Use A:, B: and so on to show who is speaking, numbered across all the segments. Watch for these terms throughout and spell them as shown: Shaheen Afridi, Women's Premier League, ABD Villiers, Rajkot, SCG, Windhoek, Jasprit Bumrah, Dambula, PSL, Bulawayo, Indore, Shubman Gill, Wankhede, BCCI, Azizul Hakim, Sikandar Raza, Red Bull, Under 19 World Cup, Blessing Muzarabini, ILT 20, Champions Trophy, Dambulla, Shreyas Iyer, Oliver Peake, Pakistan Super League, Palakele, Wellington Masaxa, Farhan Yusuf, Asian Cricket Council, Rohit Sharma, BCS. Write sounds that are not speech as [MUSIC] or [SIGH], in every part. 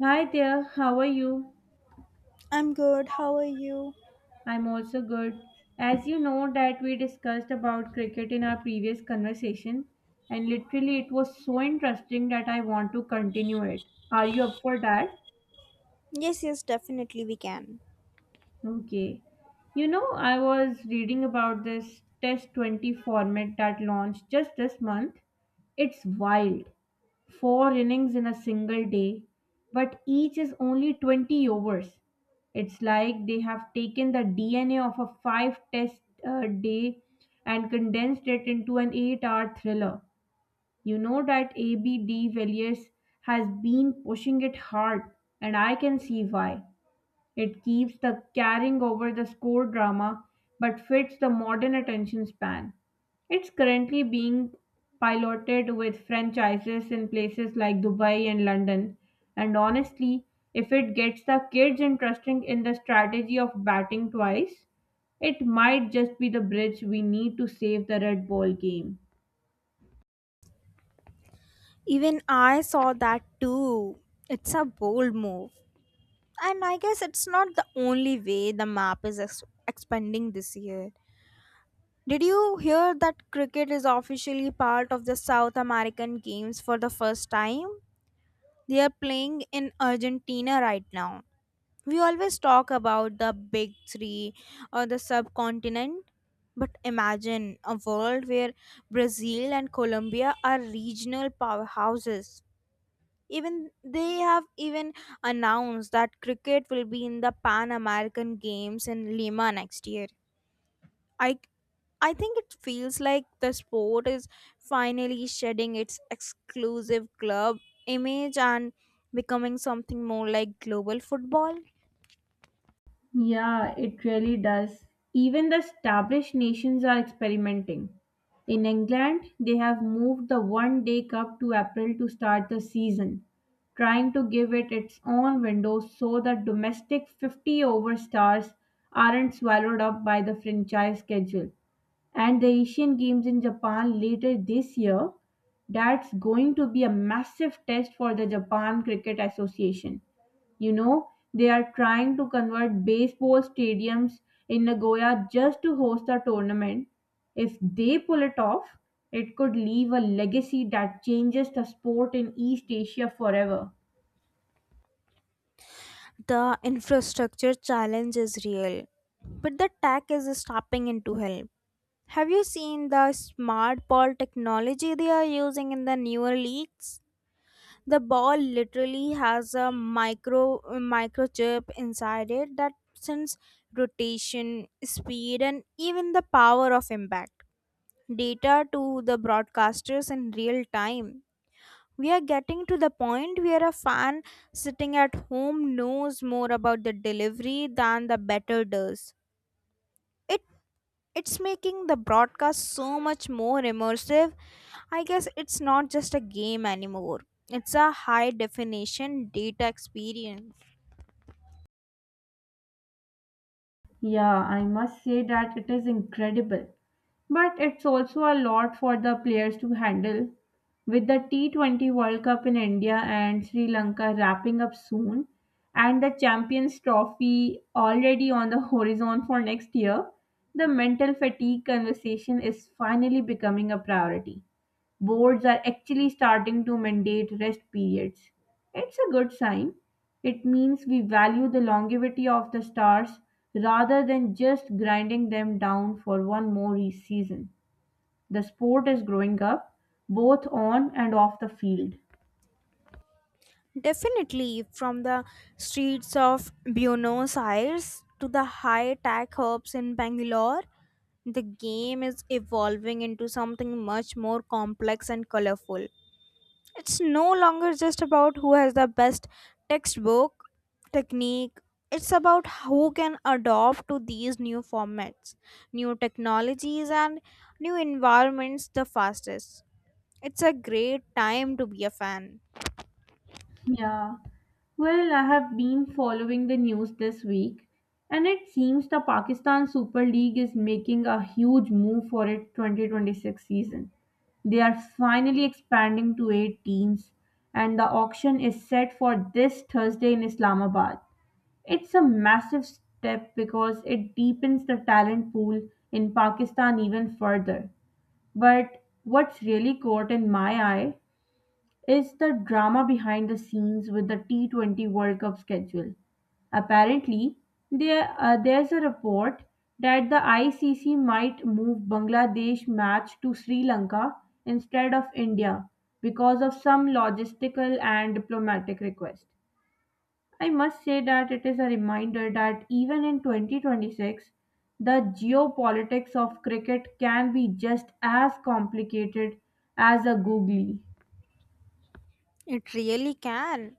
A: Hi there, how are you?
B: I'm good. How are you?
A: I'm also good. As you know that we discussed about cricket in our previous conversation and literally it was so interesting that I want to continue it. Are you up for that?
B: Yes, yes, definitely we can.
A: Okay. You know, I was reading about this Test 20 format that launched just this month. It's wild. Four innings in a single day, but each is only 20 overs. It's like they have taken the DNA of a five test day and condensed it into an 8 hour thriller. You know that ABD Villiers has been pushing it hard, and I can see why. It keeps the carrying over the score drama but fits the modern attention span. It's currently being piloted with franchises in places like Dubai and London. And honestly, if it gets the kids interested in the strategy of batting twice, it might just be the bridge we need to save the Red Bull game.
B: Even I saw that too. It's a bold move. And I guess it's not the only way the map is expanding this year. Did you hear that cricket is officially part of the South American Games for the first time? They are playing in Argentina right now. We always talk about the big three or the subcontinent, but imagine a world where Brazil and Colombia are regional powerhouses. Even they have even announced that cricket will be in the Pan American Games in Lima next year. I I think it feels like the sport is finally shedding its exclusive club image and becoming something more like global football.
A: Yeah, it really does. Even the established nations are experimenting. In England, they have moved the one day cup to April to start the season, trying to give it its own window so that domestic 50 over stars aren't swallowed up by the franchise schedule. And the Asian Games in Japan later this year, that's going to be a massive test for the Japan Cricket Association. You know, they are trying to convert baseball stadiums in Nagoya just to host a tournament. If they pull it off, it could leave a legacy that changes the sport in East Asia forever.
B: The infrastructure challenge is real, but the tech is stopping in to help. Have you seen the smart ball technology they are using in the newer leagues? The ball literally has a microchip inside it that sends rotation, speed, and even the power of impact data to the broadcasters in real time. We are getting to the point where a fan sitting at home knows more about the delivery than the better does. It it's making the broadcast so much more immersive. I guess it's not just a game anymore. It's a high definition data experience.
A: Yeah, I must say that it is incredible. But it's also a lot for the players to handle. With the T20 World Cup in India and Sri Lanka wrapping up soon, and the Champions Trophy already on the horizon for next year, the mental fatigue conversation is finally becoming a priority boards are actually starting to mandate rest periods. It's a good sign. It means we value the longevity of the stars rather than just grinding them down for one more season. The sport is growing up, both on and off the field.
B: Definitely from the streets of Buenos Aires to the high tech hubs in Bangalore, the game is evolving into something much more complex and colorful. It's no longer just about who has the best textbook technique. It's about who can adopt to these new formats, new technologies, and new environments the fastest. It's a great time to be a fan.
A: Yeah. Well, I have been following the news this week, and it seems the Pakistan Super League is making a huge move for its 2026 season. They are finally expanding to eight teams, and the auction is set for this Thursday in Islamabad. It's a massive step because it deepens the talent pool in Pakistan even further. But what's really caught in my eye is the drama behind the scenes with the T20 World Cup schedule. Apparently, there's a report that the ICC might move Bangladesh match to Sri Lanka instead of India because of some logistical and diplomatic request. I must say that it is a reminder that even in 2026, the geopolitics of cricket can be just as complicated as a googly.
B: It really can.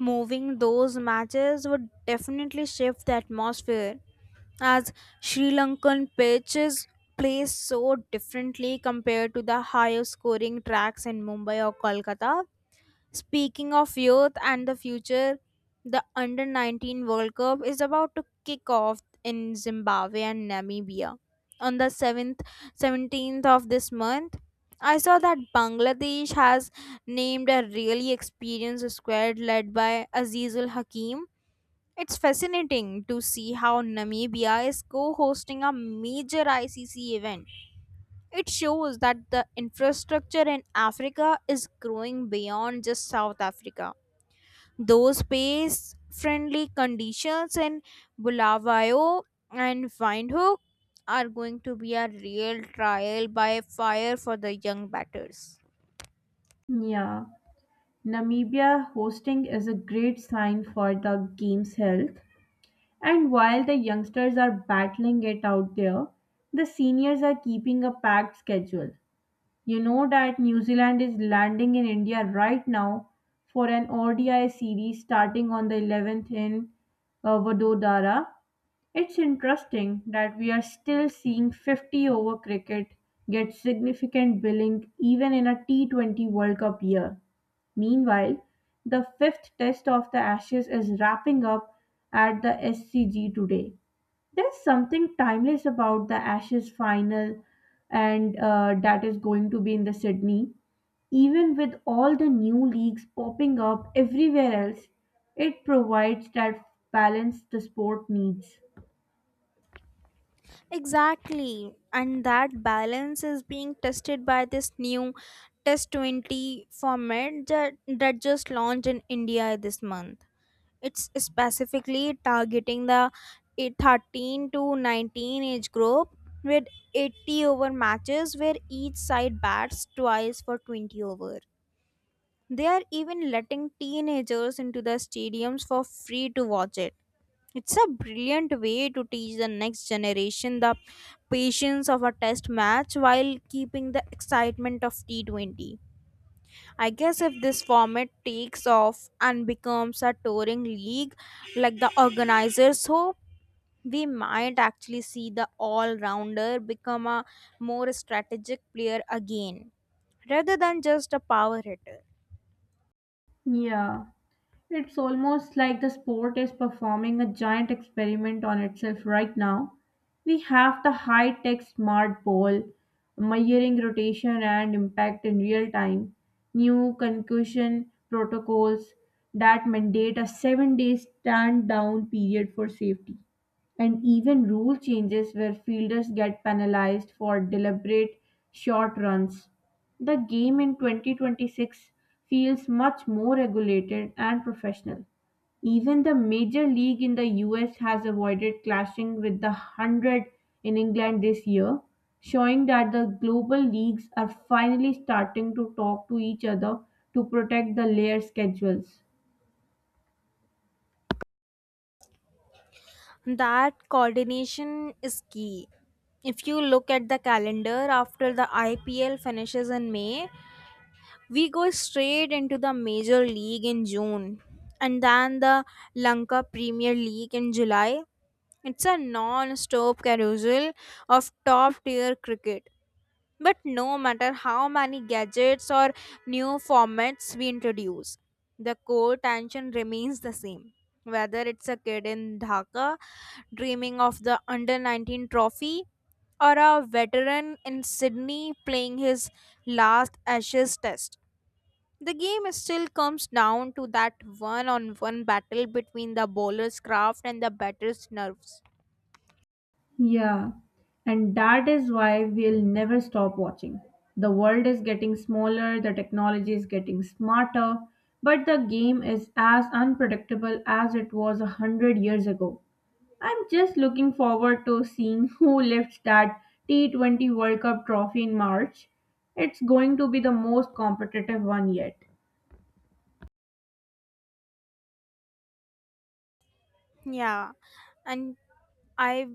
B: Moving those matches would definitely shift the atmosphere, as Sri Lankan pitches play so differently compared to the higher scoring tracks in Mumbai or Kolkata. Speaking of youth and the future, the Under 19 World Cup is about to kick off in Zimbabwe and Namibia on the 7th 17th of this month. I saw that Bangladesh has named a really experienced squad led by Azizul Hakim. It's fascinating to see how Namibia is co-hosting a major ICC event. It shows that the infrastructure in Africa is growing beyond just South Africa. Those pace friendly conditions in Bulawayo and Windhoek are going to be a real trial by fire for the young batters.
A: Yeah. Namibia hosting is a great sign for the game's health. And while the youngsters are battling it out there, the seniors are keeping a packed schedule. You know that New Zealand is landing in India right now for an ODI series starting on the 11th in Vadodara. It's interesting that we are still seeing 50 over cricket get significant billing even in a T20 World Cup year. Meanwhile, the fifth test of the Ashes is wrapping up at the SCG today. There's something timeless about the Ashes final, and that is going to be in the Sydney. Even with all the new leagues popping up everywhere else, it provides that balance the sport needs.
B: Exactly, and that balance is being tested by this new Test 20 format that just launched in India this month. It's specifically targeting the 13 to 19 age group, with 80 over matches where each side bats twice for 20 over. They are even letting teenagers into the stadiums for free to watch it. It's a brilliant way to teach the next generation the patience of a test match while keeping the excitement of T20. I guess if this format takes off and becomes a touring league like the organizers hope, we might actually see the all rounder become a more strategic player again, rather than just a power hitter.
A: Yeah. It's almost like the sport is performing a giant experiment on itself right now. We have the high tech smart ball, measuring rotation and impact in real time, new concussion protocols that mandate a 7 day stand down period for safety and even rule changes where fielders get penalized for deliberate short runs. The game in 2026 feels much more regulated and professional. Even the major league in the US has avoided clashing with the 100 in England this year, showing that the global leagues are finally starting to talk to each other to protect the layer schedules.
B: That coordination is key. If you look at the calendar after the IPL finishes in May, we go straight into the major league in June and then the Lanka Premier League in July. It's a non-stop carousel of top-tier cricket. But no matter how many gadgets or new formats we introduce, the core tension remains the same. Whether it's a kid in Dhaka dreaming of the under 19 trophy or a veteran in Sydney playing his last Ashes test, the game still comes down to that one on one battle between the bowler's craft and the batter's nerves.
A: Yeah, and that is why we'll never stop watching. The world is getting smaller, the technology is getting smarter, but the game is as unpredictable as it was a hundred years ago. I'm just looking forward to seeing [LAUGHS] who lifts that T20 World Cup trophy in March. It's going to be the most competitive one yet.
B: Yeah, and I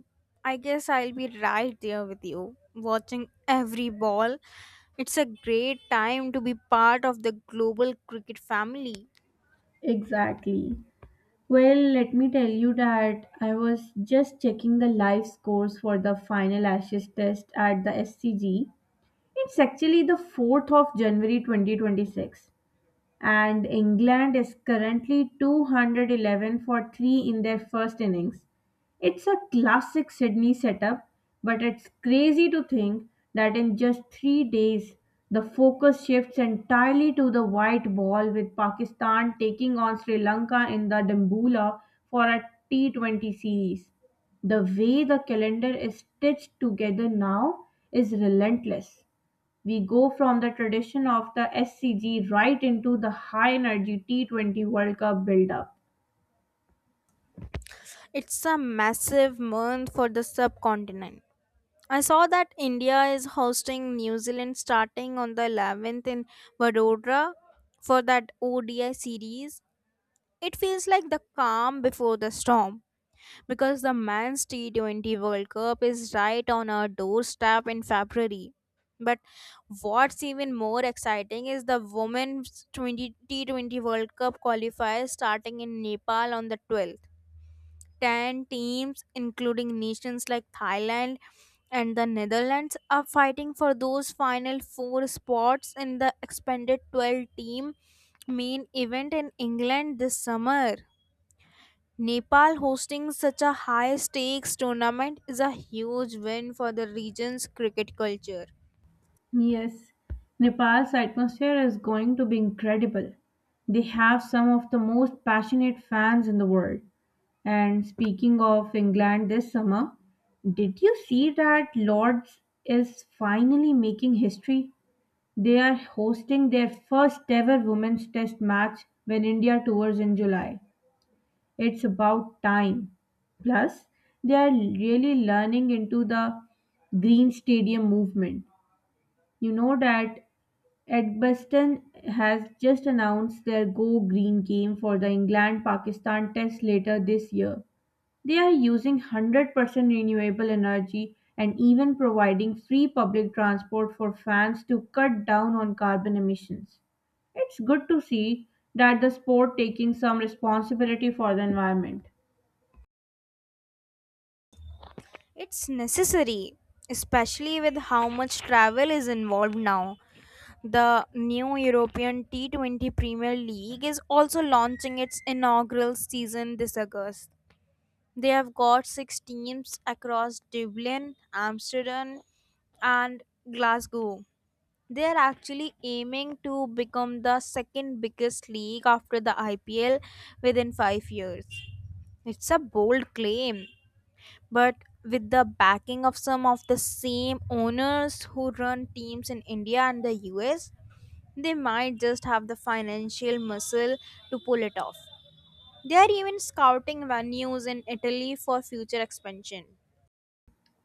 B: I guess I'll be right there with you, watching every ball. It's a great time to be part of the global cricket family.
A: Exactly. Well, let me tell you that I was just checking the live scores for the final Ashes test at the SCG. It's actually the 4th of January 2026 and England is currently 211 for 3 in their first innings. It's a classic Sydney setup, but it's crazy to think that in just three days, the focus shifts entirely to the white ball with Pakistan taking on Sri Lanka in the Dambulla for a T20 series. The way the calendar is stitched together now is relentless. We go from the tradition of the SCG right into the high energy T20 World Cup build up.
B: It's a massive month for the subcontinent. I saw that India is hosting New Zealand starting on the 11th in Vadodara for that ODI series. It feels like the calm before the storm, because the men's T20 World Cup is right on our doorstep in February. But what's even more exciting is the women's T20 World Cup qualifiers starting in Nepal on the 12th. 10 teams, including nations like Thailand and the Netherlands, are fighting for those final four spots in the expanded 12 team main event in England this summer. Nepal hosting such a high stakes tournament is a huge win for the region's cricket culture.
A: Yes, Nepal's atmosphere is going to be incredible. They have some of the most passionate fans in the world. And speaking of England this summer, did you see that Lords is finally making history? They are hosting their first ever women's test match when India tours in July. It's about time. Plus, they are really learning into the green stadium movement. You know that Edgbaston has just announced their Go Green game for the England Pakistan test later this year. They are using 100% renewable energy and even providing free public transport for fans to cut down on carbon emissions. It's good to see that the sport taking some responsibility for the environment.
B: It's necessary, especially with how much travel is involved now. The new European T20 Premier League is also launching its inaugural season this August. They have got six teams across Dublin, Amsterdam, and Glasgow. They are actually aiming to become the second biggest league after the IPL within 5 years. It's a bold claim, but with the backing of some of the same owners who run teams in India and the US, they might just have the financial muscle to pull it off. They are even scouting venues in Italy for future expansion.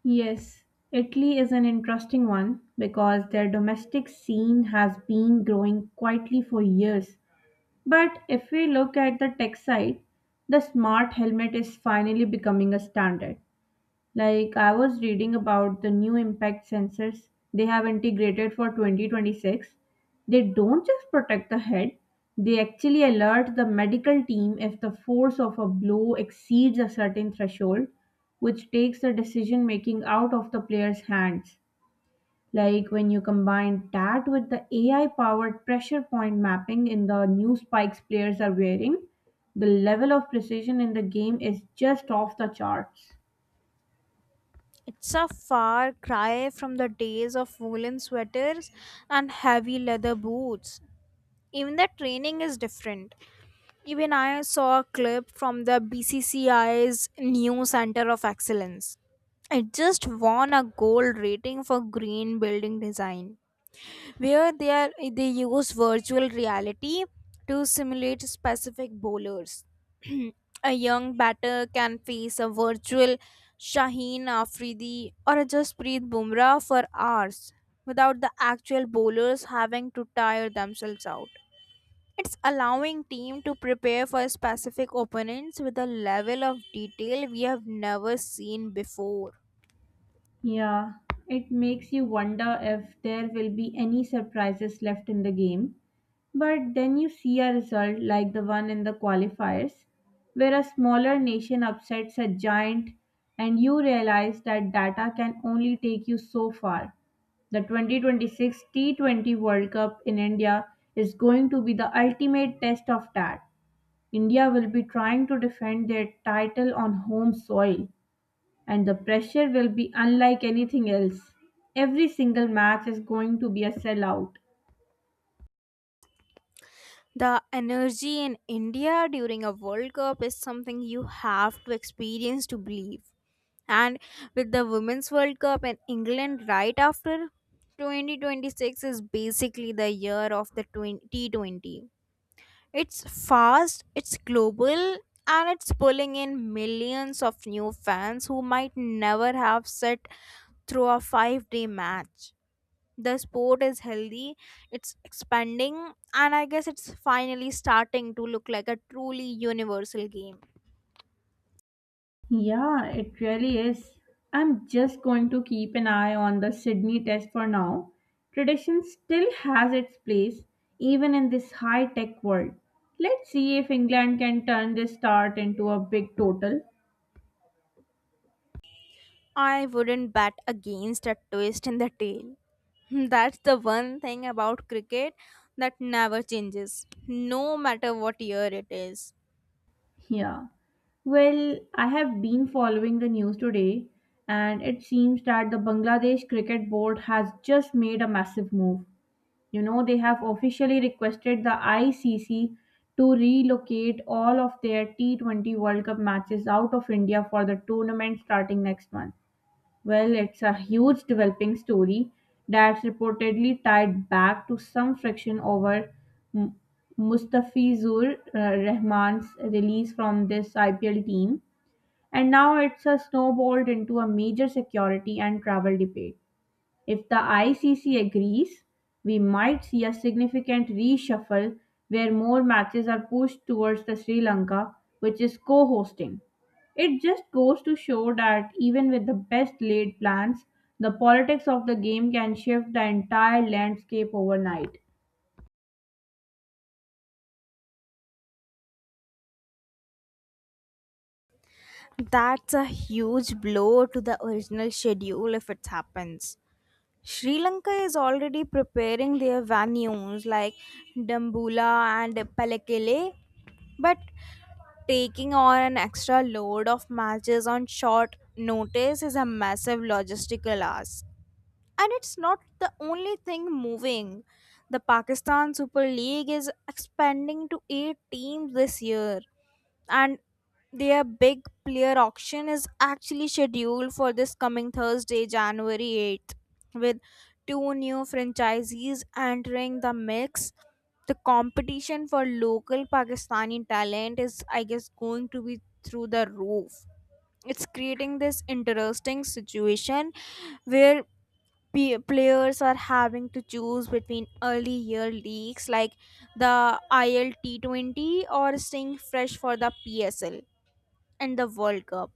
A: Yes, Italy is an interesting one because their domestic scene has been growing quietly for years. But if we look at the tech side, the smart helmet is finally becoming a standard. Like I was reading about the new impact sensors they have integrated for 2026. They don't just protect the head, they actually alert the medical team if the force of a blow exceeds a certain threshold, which takes the decision making out of the player's hands. Like when you combine that with the AI powered pressure point mapping in the new spikes players are wearing, the level of precision in the game is just off the charts.
B: It's a far cry from the days of woolen sweaters and heavy leather boots. Even the training is different. Even I saw a clip from the BCCI's new Center of Excellence. It just won a gold rating for green building design, where they use virtual reality to simulate specific bowlers. [CLEARS THROAT] A young batter can face a virtual Shaheen Afridi or a Jasprit Bumrah for hours without the actual bowlers having to tire themselves out. It's allowing team to prepare for specific opponents with a level of detail we have never seen before.
A: Yeah, it makes you wonder if there will be any surprises left in the game. But then you see a result like the one in the qualifiers, where a smaller nation upsets a giant, and you realize that data can only take you so far. The 2026 T20 World Cup in India is going to be the ultimate test of that. India will be trying to defend their title on home soil and the pressure will be unlike anything else. Every single match is going to be a sellout.
B: The energy in India during a World Cup is something you have to experience to believe. And with the Women's World Cup in England right after, 2026 is basically the year of the 2020. It's fast, it's global, and it's pulling in millions of new fans who might never have sat through a 5-day match. The sport is healthy. It's expanding, and I guess it's finally starting to look like a truly universal game.
A: Yeah, it really is. I'm just going to keep an eye on the Sydney test for now. Tradition still has its place, even in this high tech world. Let's see if England can turn this start into a big total.
B: I wouldn't bet against a twist in the tail. [LAUGHS] That's the one thing about cricket that never changes, no matter what year it is.
A: Yeah. Well, I have been following the news today, and it seems that the Bangladesh Cricket Board has just made a massive move. You know, they have officially requested the ICC to relocate all of their T20 World Cup matches out of India for the tournament starting next month. Well, it's a huge developing story that's reportedly tied back to some friction over M- Mustafizur Rahman's release from this IPL team. And now it's a snowballed into a major security and travel debate. If the ICC agrees, we might see a significant reshuffle where more matches are pushed towards the Sri Lanka, which is co-hosting. It just goes to show that even with the best laid plans, the politics of the game can shift the entire landscape overnight.
B: That's a huge blow to the original schedule if it happens. Sri Lanka is already preparing their venues like Dambula and Palakele, but taking on an extra load of matches on short notice is a massive logistical ask. And it's not the only thing moving. The Pakistan Super League is expanding to eight teams this year, and their big player auction is actually scheduled for this coming Thursday, January 8th, with two new franchisees entering the mix. The competition for local Pakistani talent is, I guess, going to be through the roof. It's creating this interesting situation where players are having to choose between early year leagues like the ILT20, or staying fresh for the PSL and the World Cup.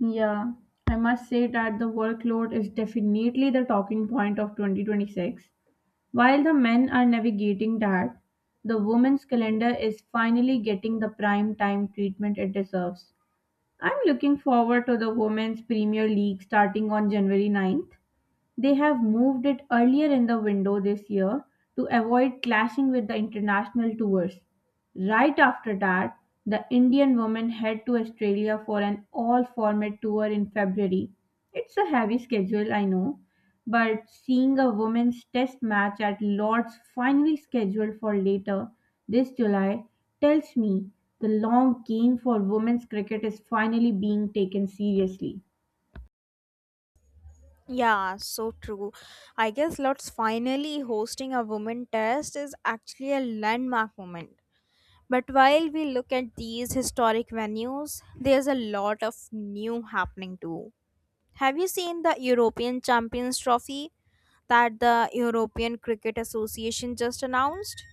A: Yeah, I must say that the workload is definitely the talking point of 2026. While the men are navigating that, the women's calendar is finally getting the prime time treatment it deserves. I'm looking forward to the Women's Premier League starting on January 9th. They have moved it earlier in the window this year to avoid clashing with the international tours. Right after that, the Indian women head to Australia for an all format tour in February. It's a heavy schedule, I know, but seeing a women's test match at Lord's finally scheduled for later this July tells me the long game for women's cricket is finally being taken seriously.
B: Yeah, so true. I guess Lot's finally hosting a women test is actually a landmark moment. But while we look at these historic venues, there's a lot of new happening too. Have you seen the European Champions Trophy that the European Cricket Association just announced?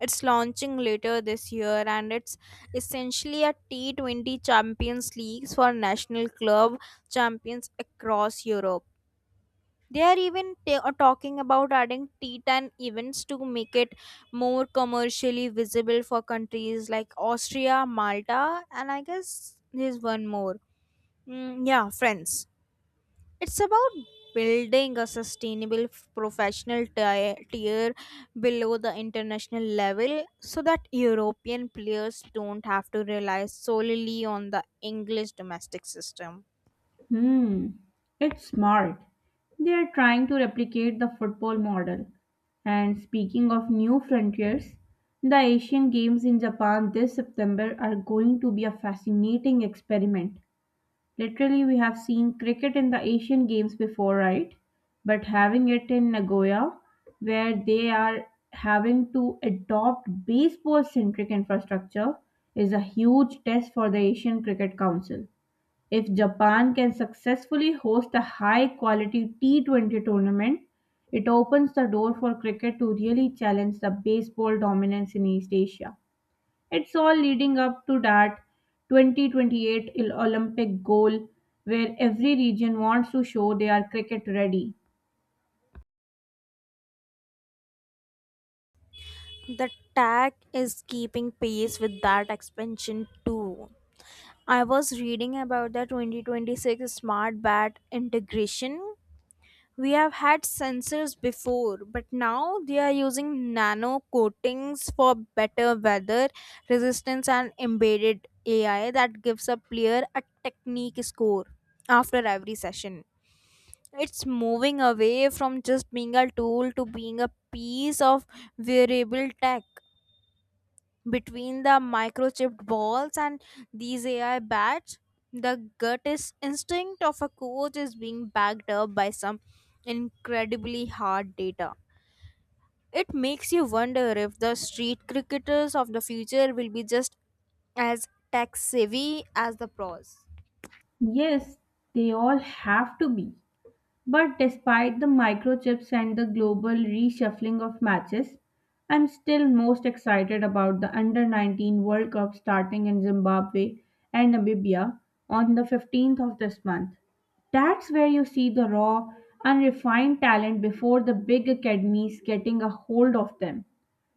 B: It's launching later this year, and it's essentially a T20 Champions Leagues for national club champions across Europe. They are even talking about adding T10 events to make it more commercially visible for countries like Austria, Malta, and I guess there's one more. Mm, yeah, France. It's about building a sustainable professional tier below the international level, so that European players don't have to rely solely on the English domestic system.
A: Hmm, it's smart. They are trying to replicate the football model. And speaking of new frontiers, the Asian Games in Japan this September are going to be a fascinating experiment. Literally, we have seen cricket in the Asian Games before, right? But having it in Nagoya, where they are having to adopt baseball centric infrastructure, is a huge test for the Asian Cricket Council. If Japan can successfully host a high quality T20 tournament, it opens the door for cricket to really challenge the baseball dominance in East Asia. It's all leading up to that 2028 Olympic goal where every region wants to show they are cricket ready.
B: The tag is keeping pace with that expansion too. I was reading about the 2026 smart bat integration. We have had sensors before, but now they are using nano coatings for better weather resistance and embedded AI that gives a player a technique score after every session. It's moving away from just being a tool to being a piece of wearable tech. Between the microchipped balls and these AI bats, the gut is instinct of a coach is being backed up by some incredibly hard data. It makes you wonder if the street cricketers of the future will be just as tech savvy as the pros.
A: Yes, they all have to be. But despite the microchips and the global reshuffling of matches, I'm still most excited about the Under 19 World Cup starting in Zimbabwe and Namibia on the 15th of this month. That's where you see the raw, unrefined talent before the big academies getting a hold of them.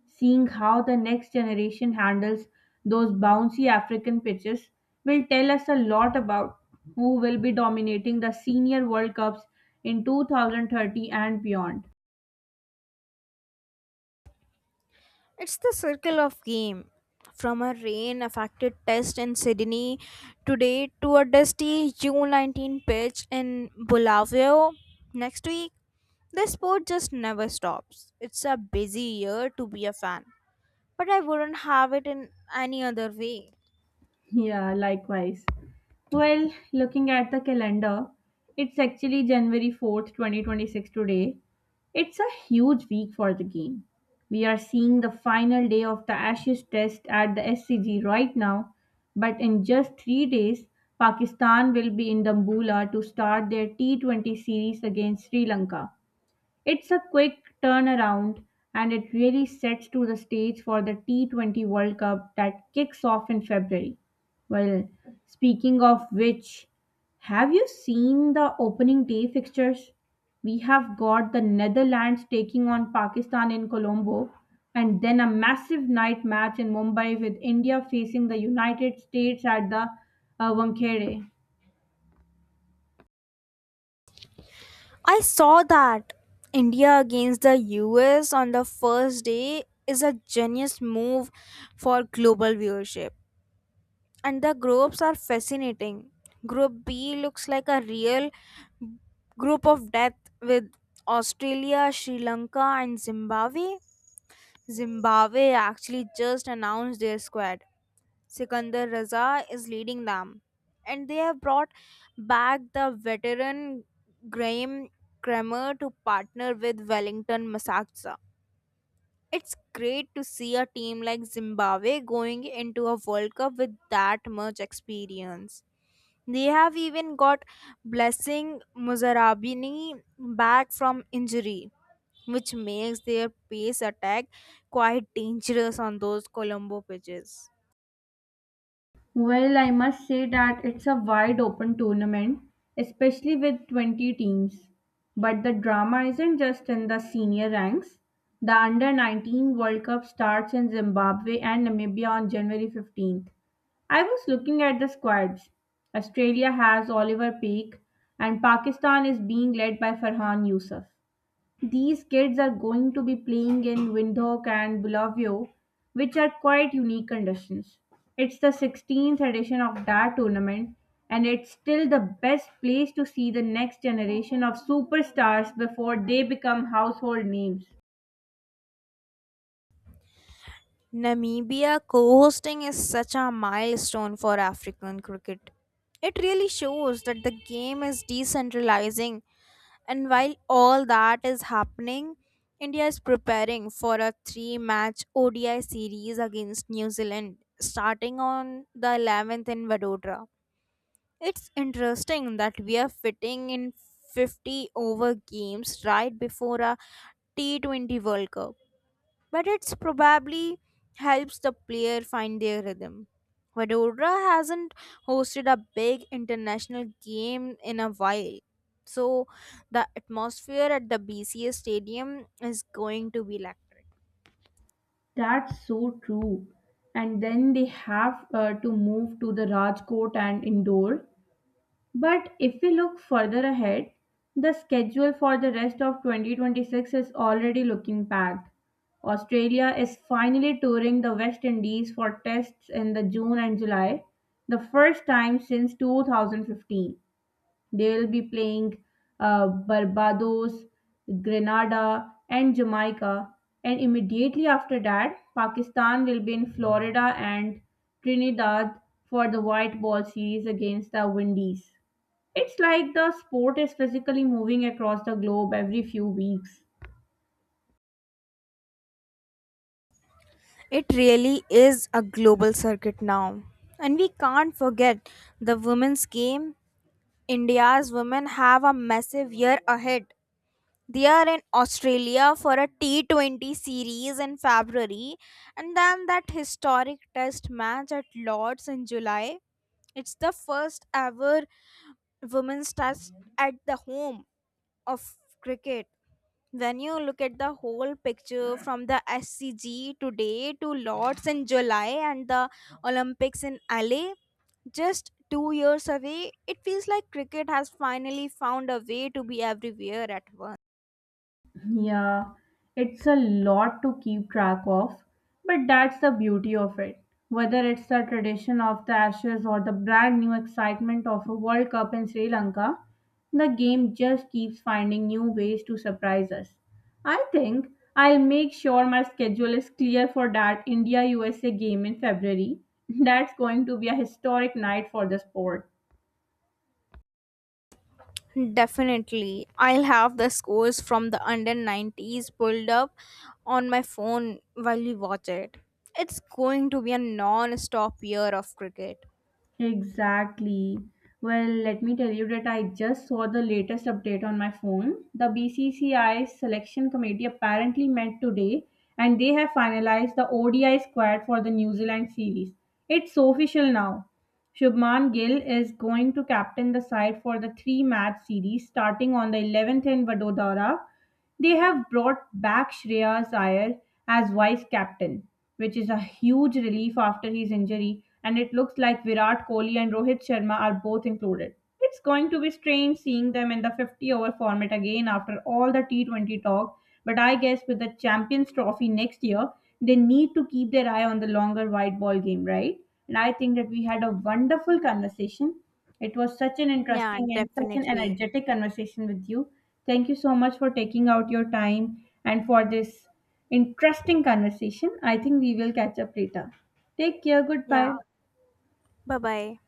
A: Seeing how the next generation handles those bouncy African pitches will tell us a lot about who will be dominating the senior World Cups in 2030 and beyond.
B: It's the circle of game. From a rain affected test in Sydney today to a dusty June 19 pitch in Bulawayo next week, the sport just never stops. It's a busy year to be a fan, but I wouldn't have it in any other way.
A: Yeah, likewise. Well, looking at the calendar, it's actually January 4th, 2026 today. It's a huge week for the game. We are seeing the final day of the Ashes test at the SCG right now, but in just 3 days, Pakistan will be in Dambulla to start their T20 series against Sri Lanka. It's a quick turnaround and it really sets to the stage for the T20 World Cup that kicks off in February. Well, speaking of which, have you seen the opening day fixtures? We have got the Netherlands taking on Pakistan in Colombo and then a massive night match in Mumbai with India facing the United States at the Wankhede.
B: I saw that India against the US on the first day is a genius move for global viewership. And the groups are fascinating. Group B looks like a real group of death, with Australia, Sri Lanka, and Zimbabwe. Zimbabwe actually just announced their squad. Sikandar Raza is leading them, and they have brought back the veteran Graham Kramer to partner with Wellington Masaxa. It's great to see a team like Zimbabwe going into a World Cup with that much experience. They have even got Blessing Muzarabini back from injury, which makes their pace attack quite dangerous on those Colombo pitches.
A: Well, I must say that it's a wide open tournament, especially with 20 teams. But the drama isn't just in the senior ranks. The under 19 World Cup starts in Zimbabwe and Namibia on January 15th. I was looking at the squads. Australia has Oliver Peake, and Pakistan is being led by Farhan Yusuf. These kids are going to be playing in Windhoek and Bulawayo, which are quite unique conditions. It's the 16th edition of that tournament, and it's still the best place to see the next generation of superstars before they become household names.
B: Namibia co hosting is such a milestone for African cricket. It really shows that the game is decentralizing, and while all that is happening, India is preparing for a three match ODI series against New Zealand starting on the 11th in Vadodara. It's interesting that we are fitting in 50 over games right before a T20 World Cup, but it's probably helps the player find their rhythm. Vadodara hasn't hosted a big international game in a while. So the atmosphere at the BCS stadium is going to be electric.
A: That's so true. And then they have to move to the Rajkot and Indore. But if we look further ahead, the schedule for the rest of 2026 is already looking packed. Australia is finally touring the West Indies for tests in the June and July, the first time since 2015. They will be playing Barbados, Grenada, and Jamaica, and immediately after that, Pakistan will be in Florida and Trinidad for the white ball series against the Windies. It's like the sport is physically moving across the globe every few weeks.
B: It really is a global circuit now. And we can't forget the women's game. India's women have a massive year ahead. They are in Australia for a T20 series in February, and then that historic test match at Lord's in July. It's the first ever women's test at the home of cricket. When you look at the whole picture, from the SCG today to Lords in July and the Olympics in LA, just 2 years away, it feels like cricket has finally found a way to be everywhere at once.
A: Yeah, it's a lot to keep track of, but that's the beauty of it. Whether it's the tradition of the Ashes or the brand new excitement of a World Cup in Sri Lanka, the game just keeps finding new ways to surprise us. I think I'll make sure my schedule is clear for that India USA game in February. [LAUGHS] That's going to be a historic night for the sport.
B: Definitely. I'll have the scores from the under 90s pulled up on my phone while we watch it. It's going to be a non stop year of cricket.
A: Exactly. Well, let me tell you that I just saw the latest update on my phone. The BCCI selection committee apparently met today and they have finalized the ODI squad for the New Zealand series. It's official now. Shubman Gill is going to captain the side for the three match series starting on the 11th in Vadodara. They have brought back Shreyas Iyer as vice captain, which is a huge relief after his injury, and it looks like Virat Kohli and Rohit Sharma are both included. It's going to be strange seeing them in the 50 over format again after all the T20 talk, but I guess with the Champions Trophy next year, they need to keep their eye on the longer white ball game, right? And I think that we had a wonderful conversation. It was such an
B: Yeah,
A: interesting and such an
B: definitely.
A: energetic conversation with you. Thank you so much for taking out your time and for this interesting conversation. I think we will catch up later. Take care.
B: Yeah.
A: Goodbye.
B: Bye bye.